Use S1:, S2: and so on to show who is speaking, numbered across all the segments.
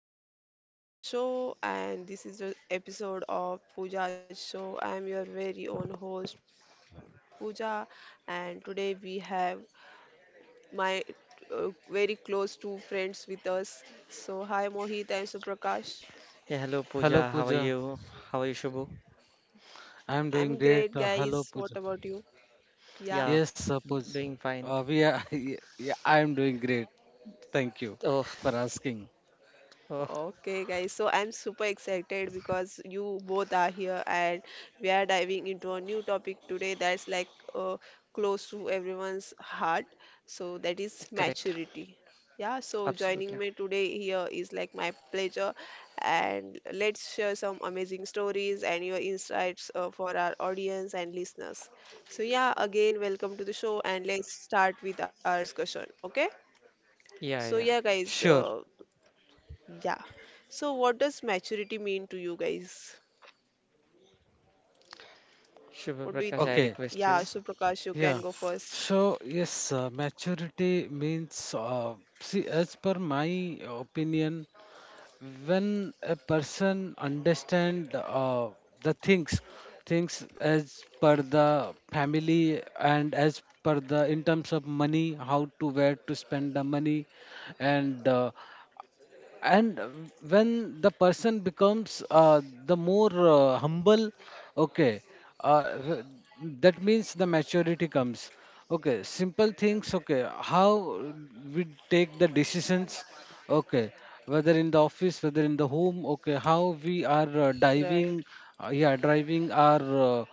S1: Welcome to Pooja's show, and this is the episode of Pooja's show. I'm your very own host Pooja, and today we have my very close two friends with us. So hi Mohit and Suprakash.
S2: Yeah, hello
S3: Hello
S2: Pooja. How are
S3: Pooja,
S2: you? How are you, Shubhu?
S3: I'm doing great.
S1: I'm great,
S3: Hello Pooja.
S1: guys. What about you?
S2: Yeah,
S3: Yes,
S1: Yeah.
S3: Pooja.
S2: doing fine.
S3: We are. Yeah, I'm doing great. Thank you
S2: Oh,
S3: for asking.
S2: oh,
S1: Okay, guys, so I'm super excited because you both are here and we are diving into a new topic today that's like uh, close to everyone's heart. So that is
S2: correct.
S1: maturity. Yeah, so joining
S2: Absolutely.
S1: me today here is like my pleasure and let's share some amazing stories and your insights for our audience and listeners. So yeah, again, welcome to the show and let's start with our discussion, okay?
S2: Yeah,
S1: So
S2: yeah.
S1: yeah, guys,
S3: Sure.
S1: yeah. So, what does maturity mean to you guys? What do you
S2: Shubha
S1: think?
S2: Prakash, I
S3: Okay.
S1: Yeah, so
S2: request you.
S1: Prakash, you can go
S3: Yeah.
S1: first.
S3: So yes, maturity means. See, as per my opinion, when a person understand the things as per the family and as per the in terms of money, how to, where to spend the money, and uh, and when the person becomes the more humble, okay, uh, w- that means the maturity comes. Okay, simple things. Okay, how we take the decisions. Okay, whether in the office, whether in the home. Okay, how we are
S1: Right.
S3: diving yeah, driving our uh,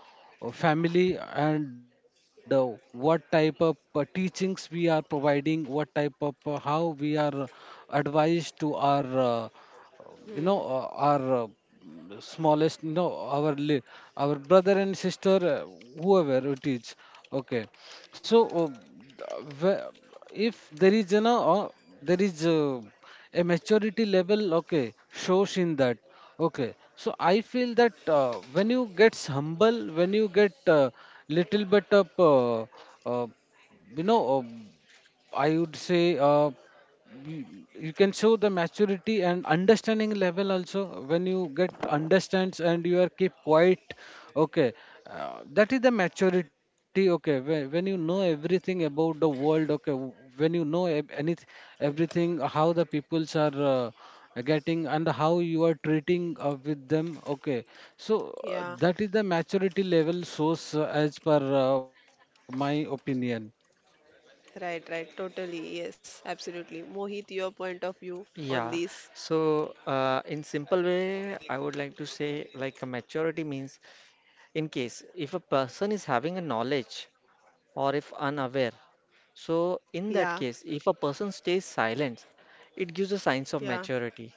S3: uh, family, and what type of teachings we are providing, what type of, how we are advised to our, you know
S1: Hmm.
S3: uh, our uh, smallest, you know, our li- our brother and sister, whoever it is. Okay. So, wh- if there is, you know, there is a maturity level, okay, shows in that. Okay, so I feel that when you get humble, when you get little bit of, uh, I would say, you, you can show the maturity and understanding level also when you get understands and you are keep quiet, okay, that is the maturity. Okay, when you know everything about the world. Okay, when you know anything, everything, how the peoples are getting and how you are treating with them. Okay, so
S1: Yeah,
S3: that is the maturity level source, as per my opinion.
S1: right, right. Totally. Yes, absolutely. Mohit, your point of view on
S2: Yeah.
S1: this.
S2: So, in simple way, I would like to say like a maturity means in case if a person is having a knowledge or if unaware. So, in
S1: Yeah,
S2: that case, if a person stays silent, it gives a signs of
S1: yeah,
S2: maturity.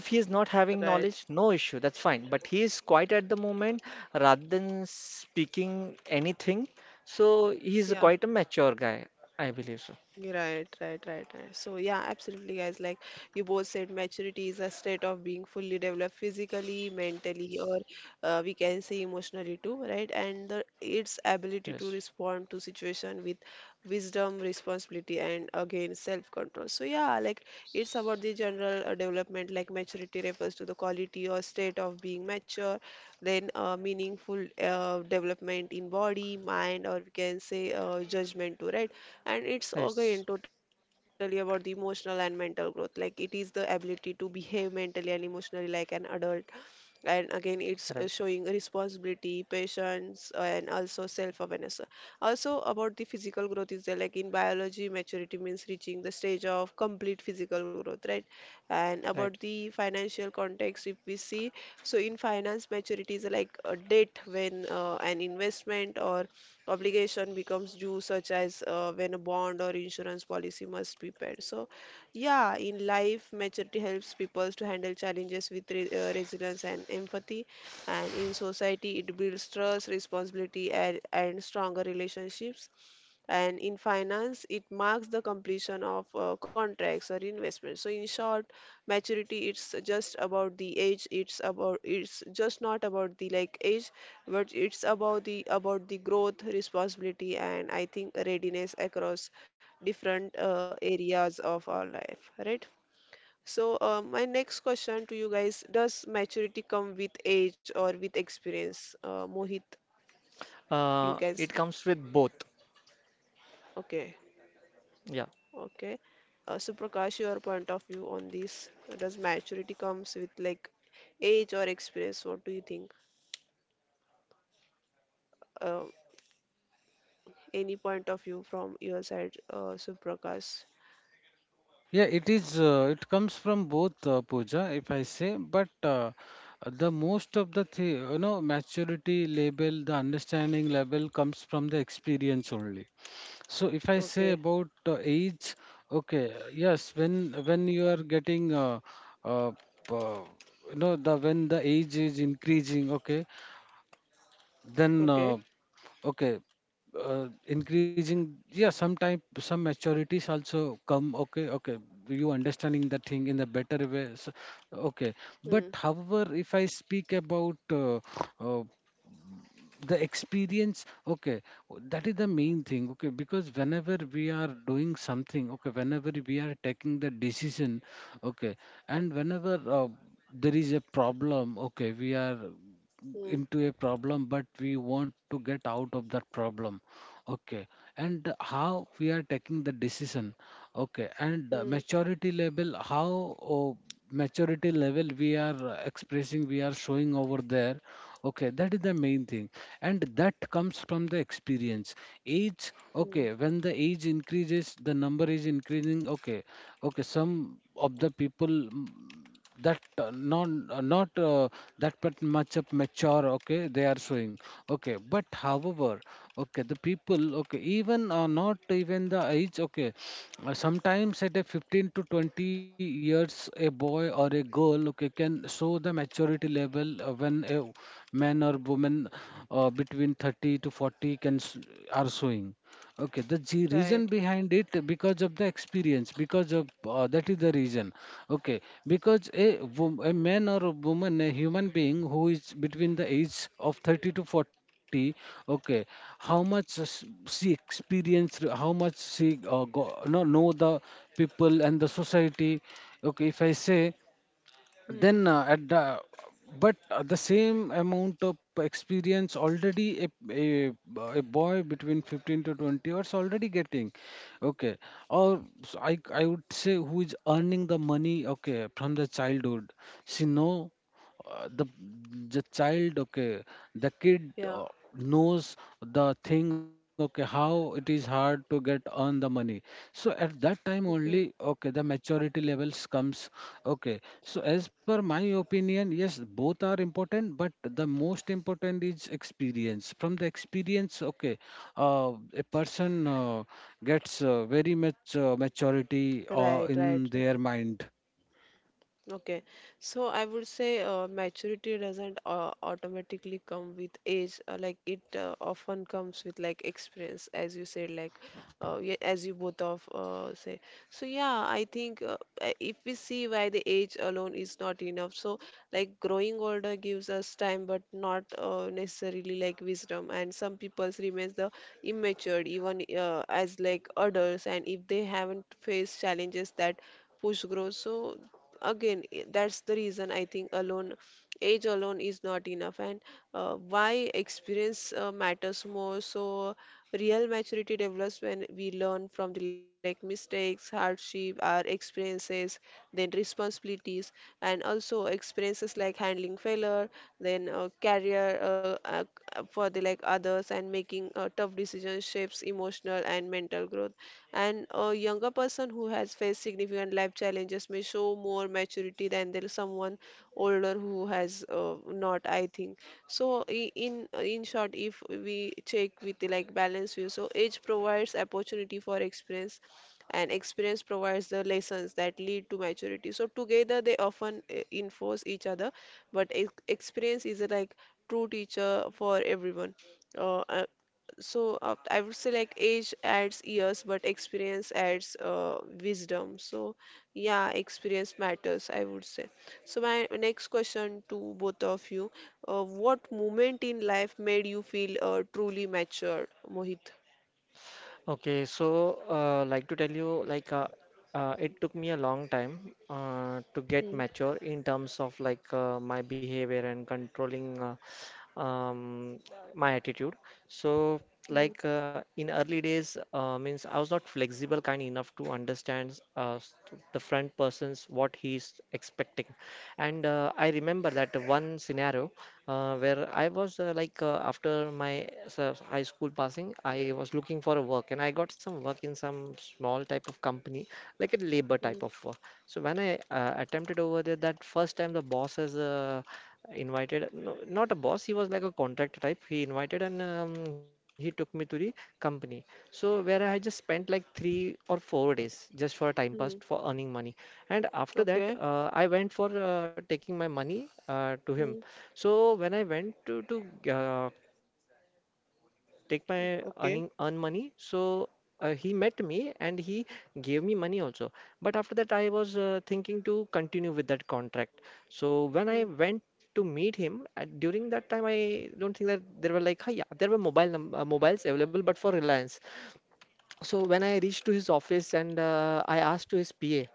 S2: If he is not having
S1: right,
S2: knowledge, no issue, that's fine. But he is quiet at the moment rather than speaking anything. So he is
S1: yeah.
S2: quite a mature guy, I believe so.
S1: Right, right, right, right. So, yeah, absolutely, guys. Like you both said, maturity is a state of being fully developed physically, mentally, or we can say emotionally too, right? And its ability
S2: Yes,
S1: to respond to situation with wisdom, responsibility, and again self-control. So, yeah, like it's about the general development. Like maturity refers to the quality or state of being mature, then meaningful development in body, mind, or we can say judgment too, right? And it's
S2: yes,
S1: again totally about the emotional and mental growth, like it is the ability to behave mentally and emotionally like an adult, and again it's
S2: right,
S1: showing responsibility, patience, and also self-awareness. Also about the physical growth is there, like in biology maturity means reaching the stage of complete physical growth, right? And
S2: right.
S1: about the financial context, if we see, so in finance maturity is like a date when an investment or obligation becomes due, such as when a bond or insurance policy must be paid. So yeah, in life, maturity helps people to handle challenges with re resilience and empathy. And in society, it builds trust, responsibility, and stronger relationships, and in finance it marks the completion of contracts or investments. So in short, maturity, it's just about the age, it's about, it's just not about the like age, but it's about the, about the growth, responsibility, and I think readiness across different areas of our life, right? So my next question to you guys, does maturity come with age or with experience, Mohit, you guys?
S2: It comes with both.
S1: Okay.
S2: Yeah.
S1: Okay. So Prakash, your point of view on this, does maturity comes with like age or experience? What do you think? Uh, any point of view from your side, Suprakash?
S3: Yeah, it is, it comes from both, puja if I say, but the most of the you know, maturity level, the understanding level comes from the experience only. So if I say
S1: Okay.
S3: about age, okay, yes, when you are getting, uh, uh, you know, the when the age is increasing, okay, then
S1: Okay.
S3: okay, increasing, yeah, some type, some maturities also come, okay, okay, you understanding the thing in a better way, so, okay. But
S1: Hmm.
S3: however, if I speak about, uh, the experience, okay, that is the main thing, okay, because whenever we are doing something, okay, whenever we are taking the decision, okay, and whenever, there is a problem, okay, we are
S1: Hmm.
S3: into a problem, but we want to get out of that problem. Okay, and how we are taking the decision. Okay, and
S1: Hmm.
S3: maturity level, how, oh, maturity level we are expressing, we are showing over there. Okay, that is the main thing, and that comes from the experience. Age, okay,
S1: Hmm.
S3: when the age increases, the number is increasing. Okay, okay, some of the people. Mm, that not that but much of mature, okay, they are showing, okay, but however, okay, the people, okay, even not even the age, okay, sometimes at a 15 to 20 years, a boy or a girl, okay, can show the maturity level when a man or woman between 30 to 40 are showing. Okay, the reason
S1: Right.
S3: behind it because of the experience, because of, that is the reason. Okay, because a, a man or a woman, a human being who is between the age of 30 to 40, okay, how much s- she experienced, how much she go, no, know the people and the society. Okay, if I say
S1: Hmm.
S3: then at the, but the same amount of experience already a boy between 15 to 20 years already getting, okay, or I would say who is earning the money okay from the childhood, she know uh, the the child, okay, the kid,
S1: Yeah.
S3: knows the thing, okay, how it is hard to get earn the money, so at that time
S1: Okay.
S3: only, okay, the maturity levels comes, okay. So as per my opinion, yes, both are important, but the most important is experience. From the experience, okay, a person gets very much maturity
S1: Right. Right.
S3: in
S1: Right.
S3: their mind.
S1: Okay, so I would say maturity doesn't automatically come with age. Like it often comes with like experience, as you said, like yeah, as you both of say. So yeah, I think if we see why the age alone is not enough, so like growing older gives us time, but not necessarily like wisdom. And some people's remains the immature even as like adults, and if they haven't faced challenges that push growth. So that's the reason I think alone, age alone is not enough, and why experience matters more. So real maturity develops when we learn from the like mistakes, hardship, our experiences, then responsibilities, and also experiences like handling failure, then career for the like others, and making tough decisions shapes emotional and mental growth. And a younger person who has faced significant life challenges may show more maturity than there is someone older who has not, I think. So in in short, if we check with the, like balance view, so age provides opportunity for experience, and experience provides the lessons that lead to maturity. So together they often enforce each other, but experience is a like true teacher for everyone. Uh, uh, so uh, I would say like age adds years, but experience adds wisdom. So yeah, experience matters, I would say. So my next question to both of you, what moment in life made you feel truly matured, Mohit?
S2: Okay, so like to tell you, like it took me a long time to get
S1: Hmm.
S2: mature in terms of like my behavior and controlling my attitude. So
S1: Hmm.
S2: like in early days, means I was not flexible kind enough to understand the front person's what he's expecting, and I remember that one scenario where I was after my high school passing, I was looking for a work and I got some work in some small type of company, like a labor
S1: Hmm.
S2: type of work. So when I attempted over there, that first time the boss has invited, no, not a boss, he was like a contractor type. He invited, and he took me to the company. So where I just spent like 3 or 4 days just for a time
S1: Hmm.
S2: pass for earning money. And after that,
S1: Okay.
S2: I went for taking my money to him.
S1: Hmm.
S2: So when I went to uh, take my earn money,
S1: Okay.
S2: so he met me and he gave me money also. But after that, I was thinking to continue with that contract. So when I went
S1: Hmm.
S2: to meet him at, during that time, I don't think that there were like, "Hi, yeah, there were mobiles available, but for Reliance." So when I reached to his office and I asked to his PA,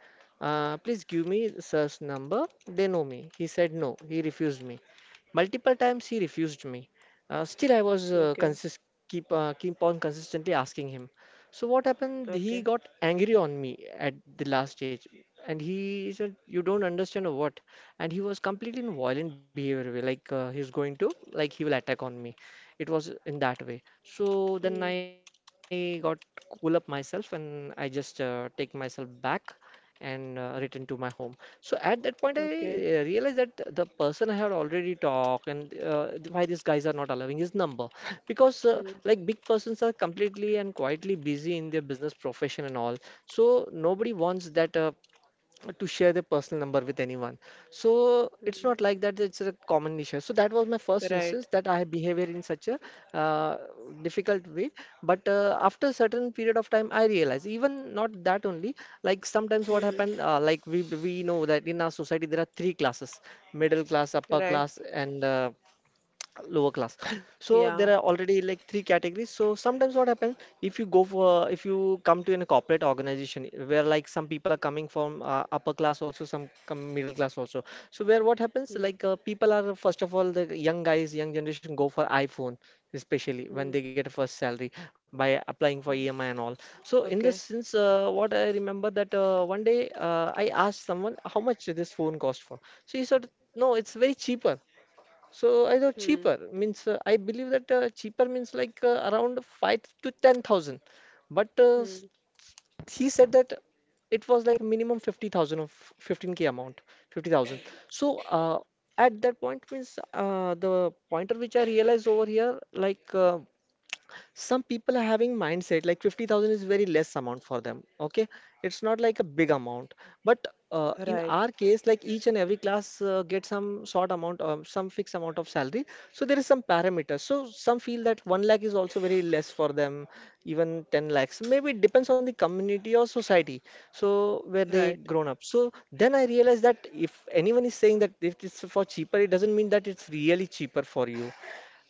S2: please give me sir's number. They know me. He said no. He refused me. Multiple times he refused me. Still, I was
S1: Okay.
S2: consist keep on consistently asking him. So what happened? He
S1: Okay.
S2: got angry on me at the last stage, and he said, "You don't understand or what?" And he was completely in violent behavior, way, like he's going to like he will attack on me. It was in that way. So
S1: Hmm.
S2: then I got cool up myself and I just take myself back and return to my home. So at that point, I
S1: Okay.
S2: realized that the person I had already talked, and why these guys are not allowing his number because
S1: Hmm.
S2: like big persons are completely and quietly busy in their business profession and all. So nobody wants that to share their personal number with anyone. So it's
S1: Hmm.
S2: not like that, it's a common issue. So that was my first
S1: Right.
S2: instance that I have behavior in such a uh, difficult way. But after a certain period of time, I realized even not that only, like sometimes what
S1: Hmm.
S2: happened, like we know that in our society there are three classes: middle class, upper
S1: Right.
S2: class, and lower class so there
S1: Yeah.
S2: are already like three categories. So sometimes what happens, if you come to a corporate organization where like some people are coming from upper class, also some come middle class also. So where what happens,
S1: Hmm.
S2: like people are, first of all, the young guys young generation go for iPhone, especially when
S1: Hmm.
S2: they get a first salary
S1: Hmm.
S2: by applying for EMI and
S1: Okay.
S2: all. So in this sense, what I remember that one day I asked someone how much this phone cost for. So he said, "No, it's very cheaper." So I thought
S1: Hmm.
S2: cheaper means, I believe that cheaper means like around five to ten thousand, but
S1: Hmm.
S2: he said that it was like minimum 50,000, of 15K amount, 50,000. So at that point means the pointer which I realized over here, like some people are having mindset like 50,000 is very less amount for them, okay, it's not like a big amount. But in
S1: Right,
S2: our case, like each and every class get some short amount, some fixed amount of salary. So there is some parameters. So some feel that 1 lakh is also very less for them, even 10 lakhs maybe. It depends on the community or society, so where they
S1: right.
S2: grown up. So then I realized that if anyone is saying that if it's for cheaper, it doesn't mean that it's really cheaper for you,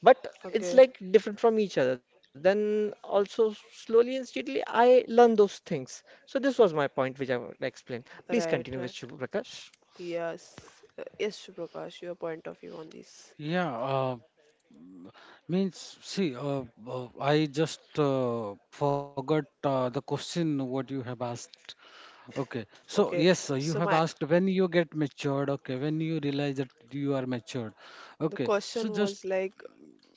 S2: but
S1: Okay,
S2: it's like different from each other. Then also slowly and steadily, I learn those things. So this was my point, which I would explain. Please
S1: right,
S2: continue
S1: right.
S2: with you, Prakash.
S1: Yes, yes, Prakash, your point of view on this.
S3: Yeah, means, see, I just forgot the question what you have asked. Okay, so
S1: Okay,
S3: yes, you
S1: so
S3: have
S1: my
S3: asked when you get matured. Okay, when you realize that you are matured.
S1: the
S3: Okay, so
S1: question
S3: just
S1: was like,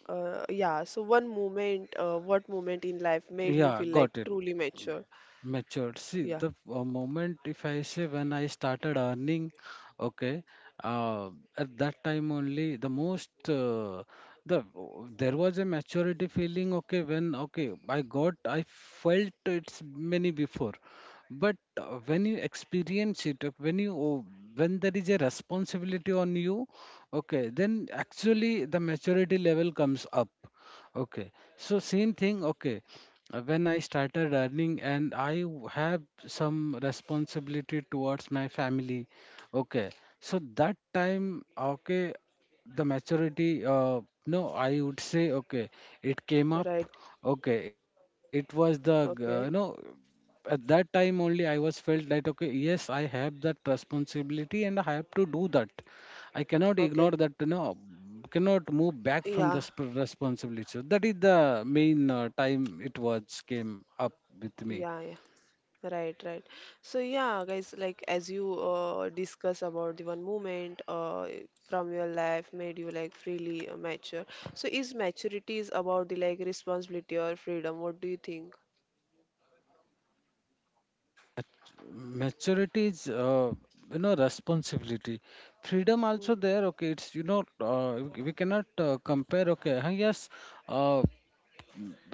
S1: yeah. So one moment, what moment in life made you
S3: yeah,
S1: feel like
S3: got it.
S1: truly mature?
S3: Matured, see
S1: Yeah,
S3: the moment if I say, when I started earning, okay, uh, at that time only, the most, the there was a maturity feeling, okay, when, okay, I got, I felt it's many before, but when you experience it, when you, oh, when there is a responsibility on you, okay, then actually the maturity level comes up, okay. So same thing, okay, when I started earning and I have some responsibility towards my family, okay. So that time, okay, the maturity, no, I would say, okay, it came up,
S1: right.
S3: okay, it was the, you know,
S1: Okay,
S3: at that time only I was felt that, okay, yes, I have that responsibility and I have to do that. I cannot ignore
S1: okay.
S3: that, you know, cannot move back
S1: Yeah,
S3: from the responsibility. So that is the main time it was came up with me.
S1: yeah, yeah. Right, right. So yeah, guys, like as you discuss about the one moment from your life, made you like freely mature. So is maturity is about the like responsibility or freedom? What do you think?
S3: Maturity is, you know, responsibility. Freedom also
S1: Mm.
S3: there. Okay, it's, you know, we cannot compare. Okay, huh, yes, uh,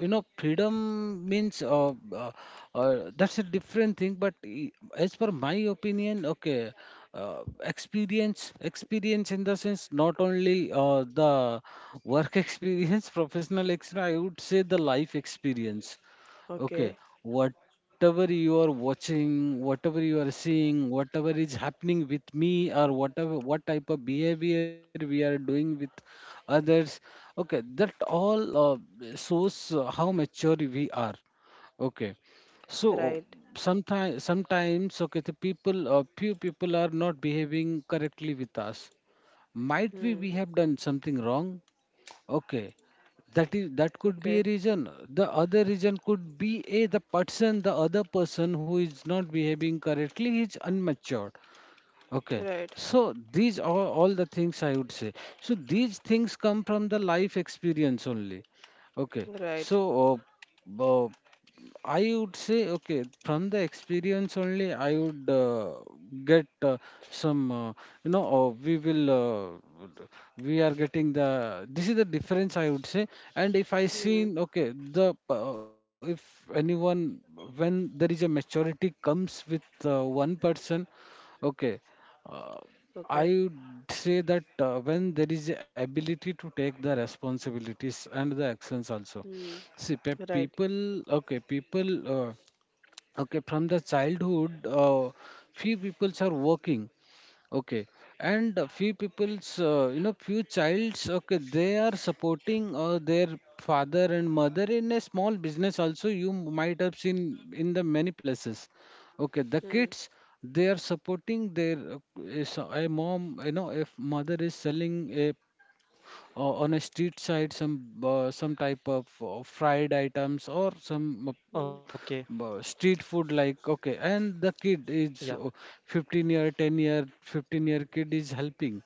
S3: you know, freedom means, that's a different thing, but as per my opinion, okay, experience in the sense not only the work experience, professional experience, I would say the life experience. Okay,
S1: Okay,
S3: whatever you are watching, whatever you are seeing, whatever is happening with me, or whatever, what type of behavior we are doing with others, okay, that all uh, shows how mature we are. Okay, so
S1: right.
S3: sometimes okay, the people, few people are not behaving correctly with us. Might
S1: Hmm.
S3: be we have done something wrong, okay, that is, that could be
S1: Okay,
S3: a reason. The other reason could be a the person, the other person who is not behaving correctly is unmatured. Okay,
S1: right,
S3: so these are all the things I would say. So these things come from the life experience only. Okay,
S1: right.
S3: so uh, uh, I would say, okay, from the experience only, I would get some, you know, we are getting the, this is the difference I would say. And if I
S1: Hmm.
S3: seen, okay, the, if anyone, when there is a maturity comes with one person, okay, uh, I
S1: Okay.
S3: would say that when there is a ability to take the responsibilities and the actions also.
S1: Hmm.
S3: See,
S1: Right.
S3: people, uh, okay, from the childhood, few peoples are working, okay, and a few people's, you know, few childs, okay, they are supporting their father and mother in a small business also. You might have seen in the many places. Okay, the
S1: Hmm.
S3: kids, they are supporting their, is a mom, you know, if mother is selling a, on a street side some, some type of, fried items or some,
S1: Hmm.
S2: Okay.
S3: but street food like, okay, and the kid is,
S2: Yeah,
S3: 15 year 10 year 15-year kid is helping,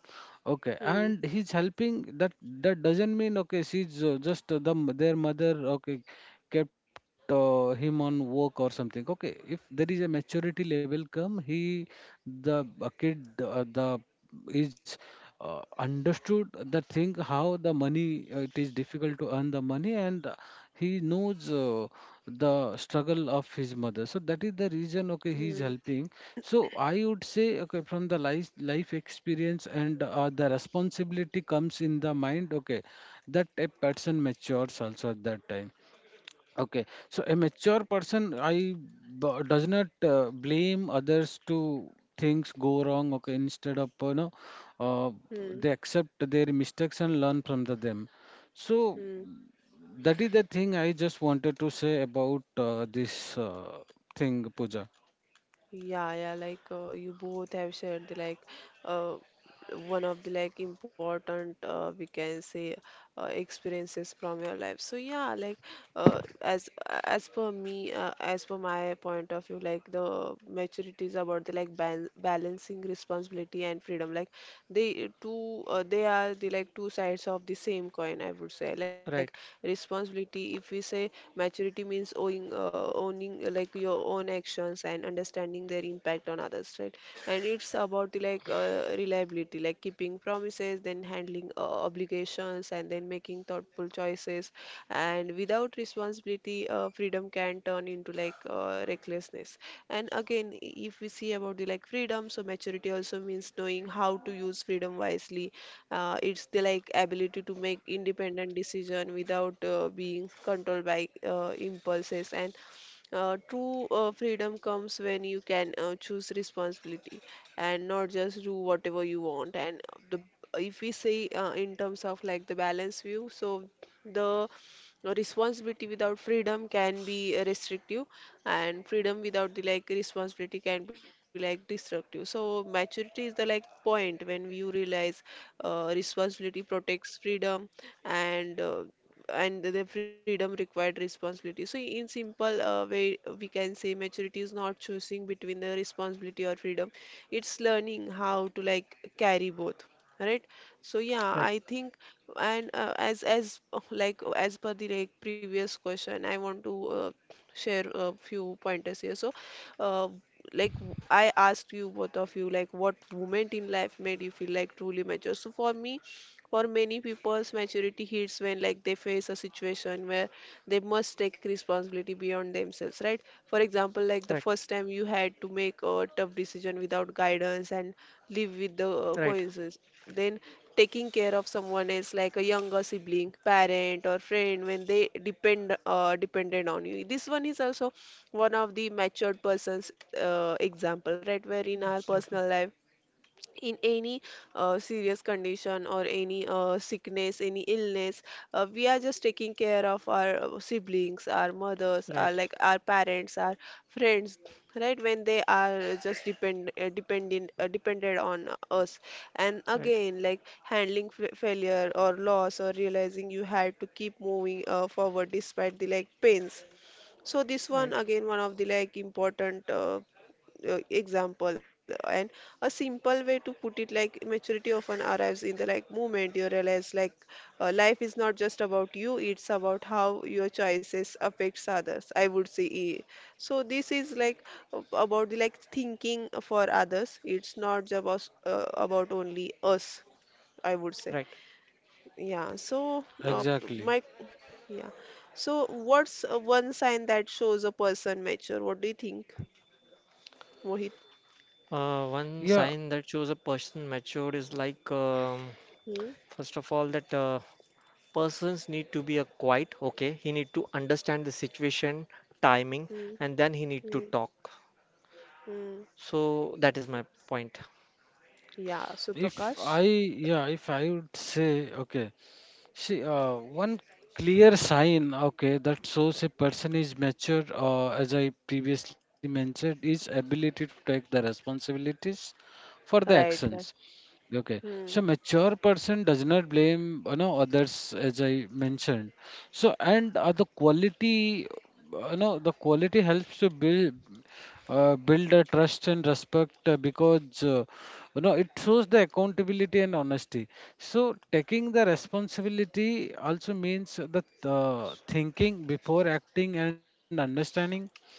S3: okay,
S1: Hmm.
S3: and he's helping. That that doesn't mean, okay, she's, just, the their mother, okay, kept him on work or something, okay, if there is a maturity level come, he, the, kid the is understood the thing how the money he, it is difficult to earn the money, and he knows, the struggle of his mother, so that is the reason, okay,
S1: Hmm.
S3: he is helping. So I would say, okay, from the life experience and the responsibility comes in the mind, okay, that a person matures also at that time. Okay, so a mature person, does not blame others to things go wrong. Okay, instead of, you know, uh,
S1: Hmm.
S3: they accept their mistakes and learn from the them. So
S1: Hmm.
S3: that is the thing I just wanted to say about this thing, Pooja.
S1: Yeah, yeah, like you both have said the like uh, one of the like important, we can say, experiences from your life. So yeah, like uh, as as per me, as per my point of view, like the maturity is about the like ban balancing responsibility and freedom. Like they two, they are the like two sides of the same coin. I would say, like
S2: right.
S1: responsibility, if we say, maturity means owing owning owning, like your own actions and understanding their impact on others, right? And it's about the like reliability, like keeping promises, then handling obligations, and then making thoughtful choices. And without responsibility, freedom can turn into like recklessness. And again, if we see about the like freedom, so maturity also means knowing how to use freedom wisely. It's the like ability to make independent decision without being controlled by impulses, and true freedom comes when you can choose responsibility and not just do whatever you want. And the if we say in terms of like the balance view, so the responsibility without freedom can be restrictive, and freedom without the like responsibility can be like destructive. So maturity is the like point when you realize responsibility protects freedom, and the freedom required responsibility. So, in simple way, we can say maturity is not choosing between the responsibility or freedom. It's learning how to like carry both, right? So, yeah,
S2: Right.
S1: I think, and as per the like previous question, I want to share a few pointers here. So, uh, like I asked you both of you, like what moment in life made you feel like truly mature? So for me, for many people's maturity hits when like they face a situation where they must take responsibility beyond themselves, right? For example, like
S2: Right.
S1: the first time you had to make a tough decision without guidance and live with the
S2: Right.
S1: coincidence, then taking care of someone else like a younger sibling, parent, or friend when they dependent on you. This one is also one of the matured person's example, right? Where in our personal life,
S2: Absolutely.
S1: in any serious condition or any sickness, any illness, we are just taking care of our siblings, our mothers, our
S2: Right.
S1: like our parents, our friends, right? When they are just depended on us, and
S2: Right.
S1: again like handling f failure or loss, or realizing you had to keep moving forward despite the like pains. So this
S2: Right.
S1: one again, one of the like important example. And a simple way to put it, like maturity often arrives in the like moment you realize, like life is not just about you, it's about how your choices affects others, I would say, eh. So this is like about the like thinking for others, it's not just about only us, I would say.
S2: Right.
S1: Yeah, so
S3: Exactly.
S1: my yeah what's one sign that shows a person mature? What do you think, Mohit?
S2: One
S3: Yeah,
S2: sign that shows a person matured is like,
S1: Hmm?
S2: first of all, that persons need to be a quiet. Okay. He need to understand the situation, timing, and then he need to
S1: Hmm.
S2: talk.
S1: Mm.
S2: So that is my point.
S1: Yeah, so
S3: if I
S1: Prakash,
S3: yeah, if I would say, okay. See, one clear sign, okay, that shows a person is mature, as I previously mentioned, is ability to take the responsibilities for the
S1: right,
S3: actions.
S1: right,
S3: Okay. So
S1: hmm,
S3: mature person does not blame, you know, others, as I mentioned. So and the quality, you know, the quality helps to build a trust and respect, because, you know, it shows the accountability and honesty. So taking the responsibility also means that thinking before acting and understanding,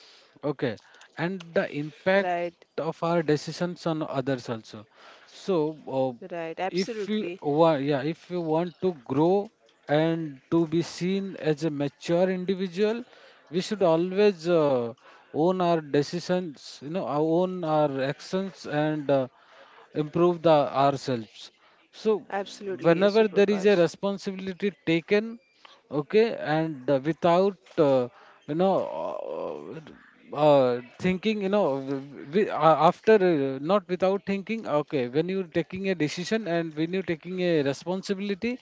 S3: okay, and the impact
S1: right,
S3: of our decisions on others also. So,
S1: right, absolutely,
S3: if you want, yeah, if you want to grow and to be seen as a mature individual, we should always own our decisions, you know, our own our actions, and improve the ourselves. So,
S1: absolutely,
S3: whenever there is
S1: Suprakash,
S3: a responsibility taken, okay, and without you know uh, thinking, you know, after, not without thinking, okay, when you're taking a decision and when you're taking a responsibility,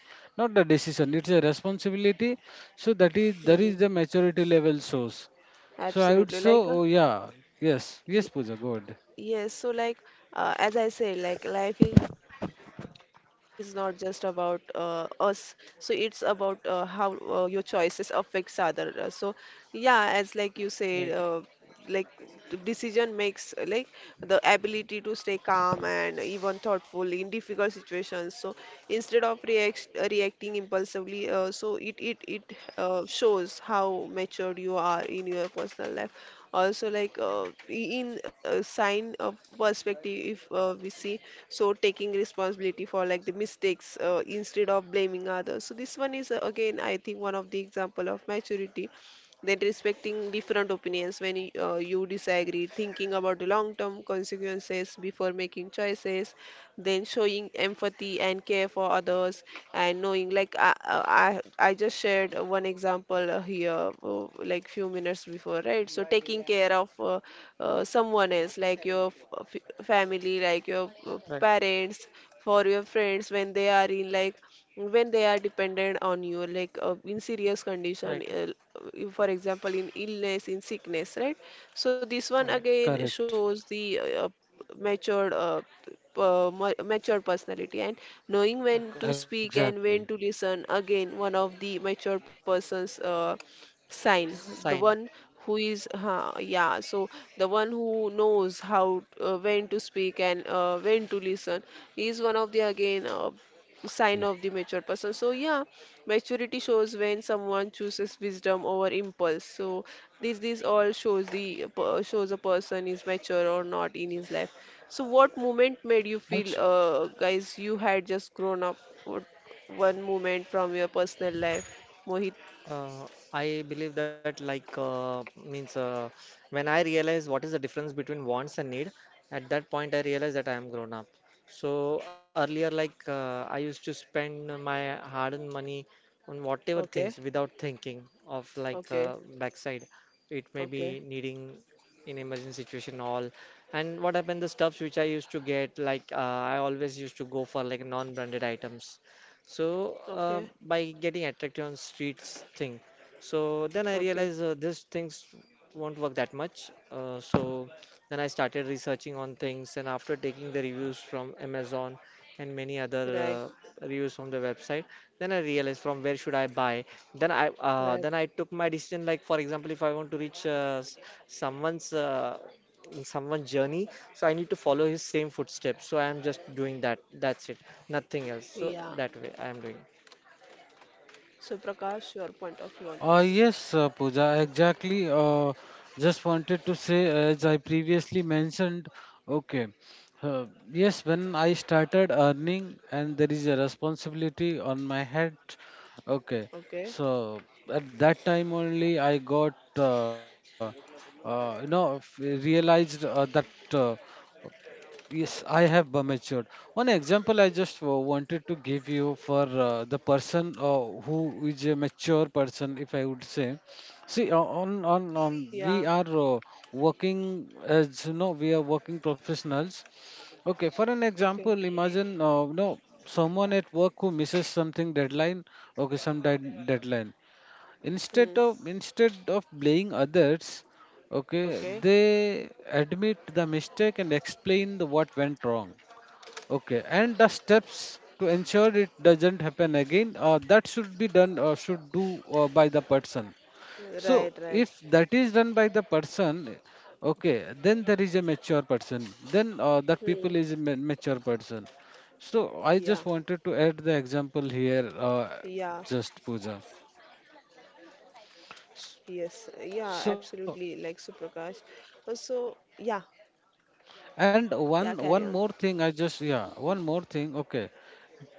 S3: not the decision, it's a responsibility. So that is, that
S1: hmm,
S3: is the maturity level source. So I would
S1: absolutely,
S3: say,
S1: like,
S3: oh, yeah, yes, yes, puja god.
S1: yes. So like as I say, like life is not just about us. So it's about how your choices affects other. So yeah, as like you said, uh,
S2: Right,
S1: like d- decision makes like the ability to stay calm and even thoughtful in difficult situations. So instead of reacting impulsively, so it shows how matured you are in your personal life. Also like in sign of perspective, if we see, so taking responsibility for like the mistakes instead of blaming others, so this one is, again I think, one of the example of maturity. That respecting different opinions when you disagree, thinking about the long term consequences before making choices, then showing empathy and care for others, and knowing like I just shared one example here like few minutes before, right? So taking care of, someone else like your family, like your
S2: right,
S1: parents, for your friends, when they are in like, when they are dependent on you, like in serious condition,
S2: right,
S1: for example in illness, in sickness, right? So this one
S2: right.
S1: again
S3: Correct.
S1: shows the matured uh, mature personality, and knowing when
S2: Of
S1: to
S2: course.
S1: speak
S3: Exactly.
S1: and when to listen, again one of the mature person's sign. The one
S2: Sign.
S1: who is yeah, so the one who knows how when to speak and when to listen is one of
S3: Yeah.
S1: the again sign of the mature person. So yeah, maturity shows when someone chooses wisdom over impulse. So this all shows the shows a person is mature or not in his life. So, what moment made you
S3: Also.
S1: feel, guys, you had just grown up? What one moment from your personal life, Mohit?
S2: Uh, I believe that like means when I realize what is the difference between wants and need, at that point I realize that I am grown up. So earlier, like I used to spend my hard-earned money on whatever
S1: Okay,
S2: things without thinking of like
S1: okay,
S2: backside. It may be
S1: okay,
S2: needing in emergency situation all. And what happened? The stuffs which I used to get, like I always used to go for like non-branded items, so
S1: okay,
S2: by getting attracted on streets thing, so then I
S1: okay.
S2: realized these things won't work that much. So then I started researching on things, and after taking the reviews from Amazon and many other
S1: Right,
S2: reviews from the website, then I realized from where should I buy. Then I uh,
S1: right.
S2: then I took my decision. Like for example, if I want to reach someone's someone's journey, so I need to follow his same footsteps. So I am just doing that. That's it. Nothing else. So
S1: Yeah.
S2: that way I am doing.
S1: So, Prakash, your point of view on this?
S3: Yes, Pooja, exactly. Just wanted to say, as I previously mentioned, okay, uh, yes, when I started earning and there is a responsibility on my head, okay,
S1: Okay.
S3: so at that time only I got, you know, realized that. Uh, Yes, I have matured. One example I just wanted to give you for the person who is a mature person, if I would say. See,
S1: Yeah.
S3: we are, working, as you know, we are working professionals. Okay, for an
S1: Okay.
S3: example, imagine, no someone at work who misses something deadline. Okay, some deadline, instead
S1: Hmm.
S3: of instead of blaming others, okay,
S1: Okay.
S3: they admit the mistake and explain the what went wrong, okay, and the steps to ensure it doesn't happen again, that should be done or should do by the person. So
S1: Right, right.
S3: if that is done by the person, okay, then there is a mature person, then that
S1: Hmm.
S3: people is a mature person. So I
S1: Yeah.
S3: just wanted to add the example here,
S1: Yeah.
S3: just puja
S1: Yes. Yeah. Absolutely.
S3: so.
S1: Like Suprakash. So, yeah. Yeah.
S3: And
S1: Carry on.
S3: one more thing, I just, yeah, one more thing. Okay,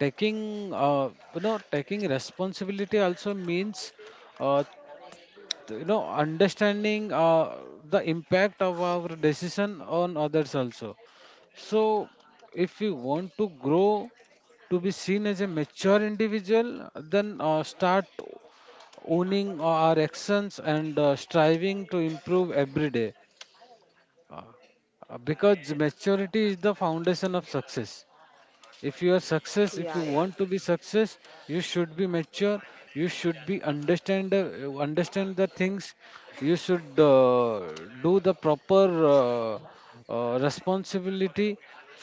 S3: taking, you know, taking responsibility also means uh, you know, understanding the impact of our decision on others also. So if we want to grow, to be seen as a mature individual, then start owning our actions and striving to improve every day. Uh, because maturity is the
S1: Yeah,
S3: foundation of
S1: Suprakash.
S3: success. If you are success, if
S1: Yeah,
S3: you
S1: yeah.
S3: want to be success, you should be mature. You should be understand understand the things. You should do the proper, responsibility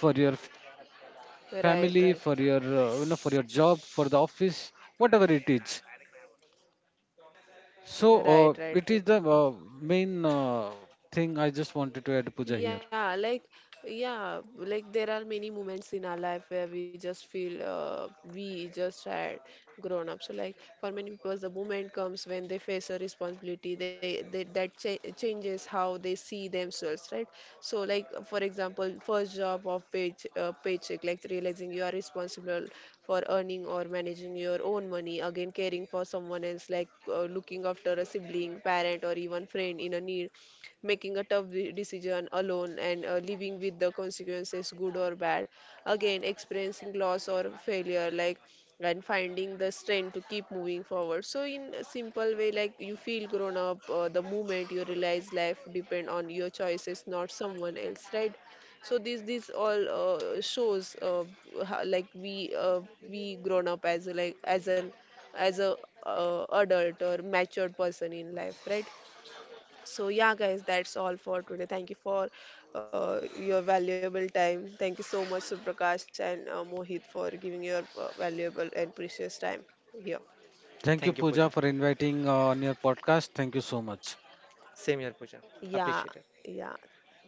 S3: for your family, for your, you
S1: Right,
S3: know, for
S1: right,
S3: your job, for the office, whatever it is. So
S1: right,
S3: it is
S1: right,
S3: the
S1: totally.
S3: main thing I just wanted to add, puja here.
S1: Yeah, like, yeah, like there are many moments in our life where we just feel we just had grown up. So, like, for many people, the moment comes when they face a responsibility, they that changes how they see themselves, right? So, like, for example, first job of paycheck, like realizing you are responsible for earning or managing your own money. Again, caring for someone else, like looking after a sibling, parent, or even friend in a need. Making a tough decision alone and living with the consequences, good or bad. Again, experiencing loss or failure, like, and finding the strength to keep moving forward. So, in a simple way, like you feel grown up the moment you realize life depend on your choices, not someone else, right? So this all shows how, like we grown up as a, like as an, as a, adult or matured person in life, right? So, yeah, guys, that's all for today. Thank you for your valuable time. Thank you so much, Suprakash and Mohit, for giving your valuable and precious time here.
S3: Thank you,
S2: Thank you,
S3: Pooja,
S2: Pooja.
S3: for inviting on your podcast. Thank you so much.
S2: Same here, Pooja.
S1: Yeah,
S2: Appreciate it.
S1: yeah.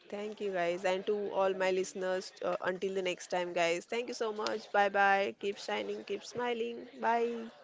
S1: Thank you, guys. And to all my listeners, until the next time, guys, thank you so much. Bye bye. Keep shining, keep smiling. Bye.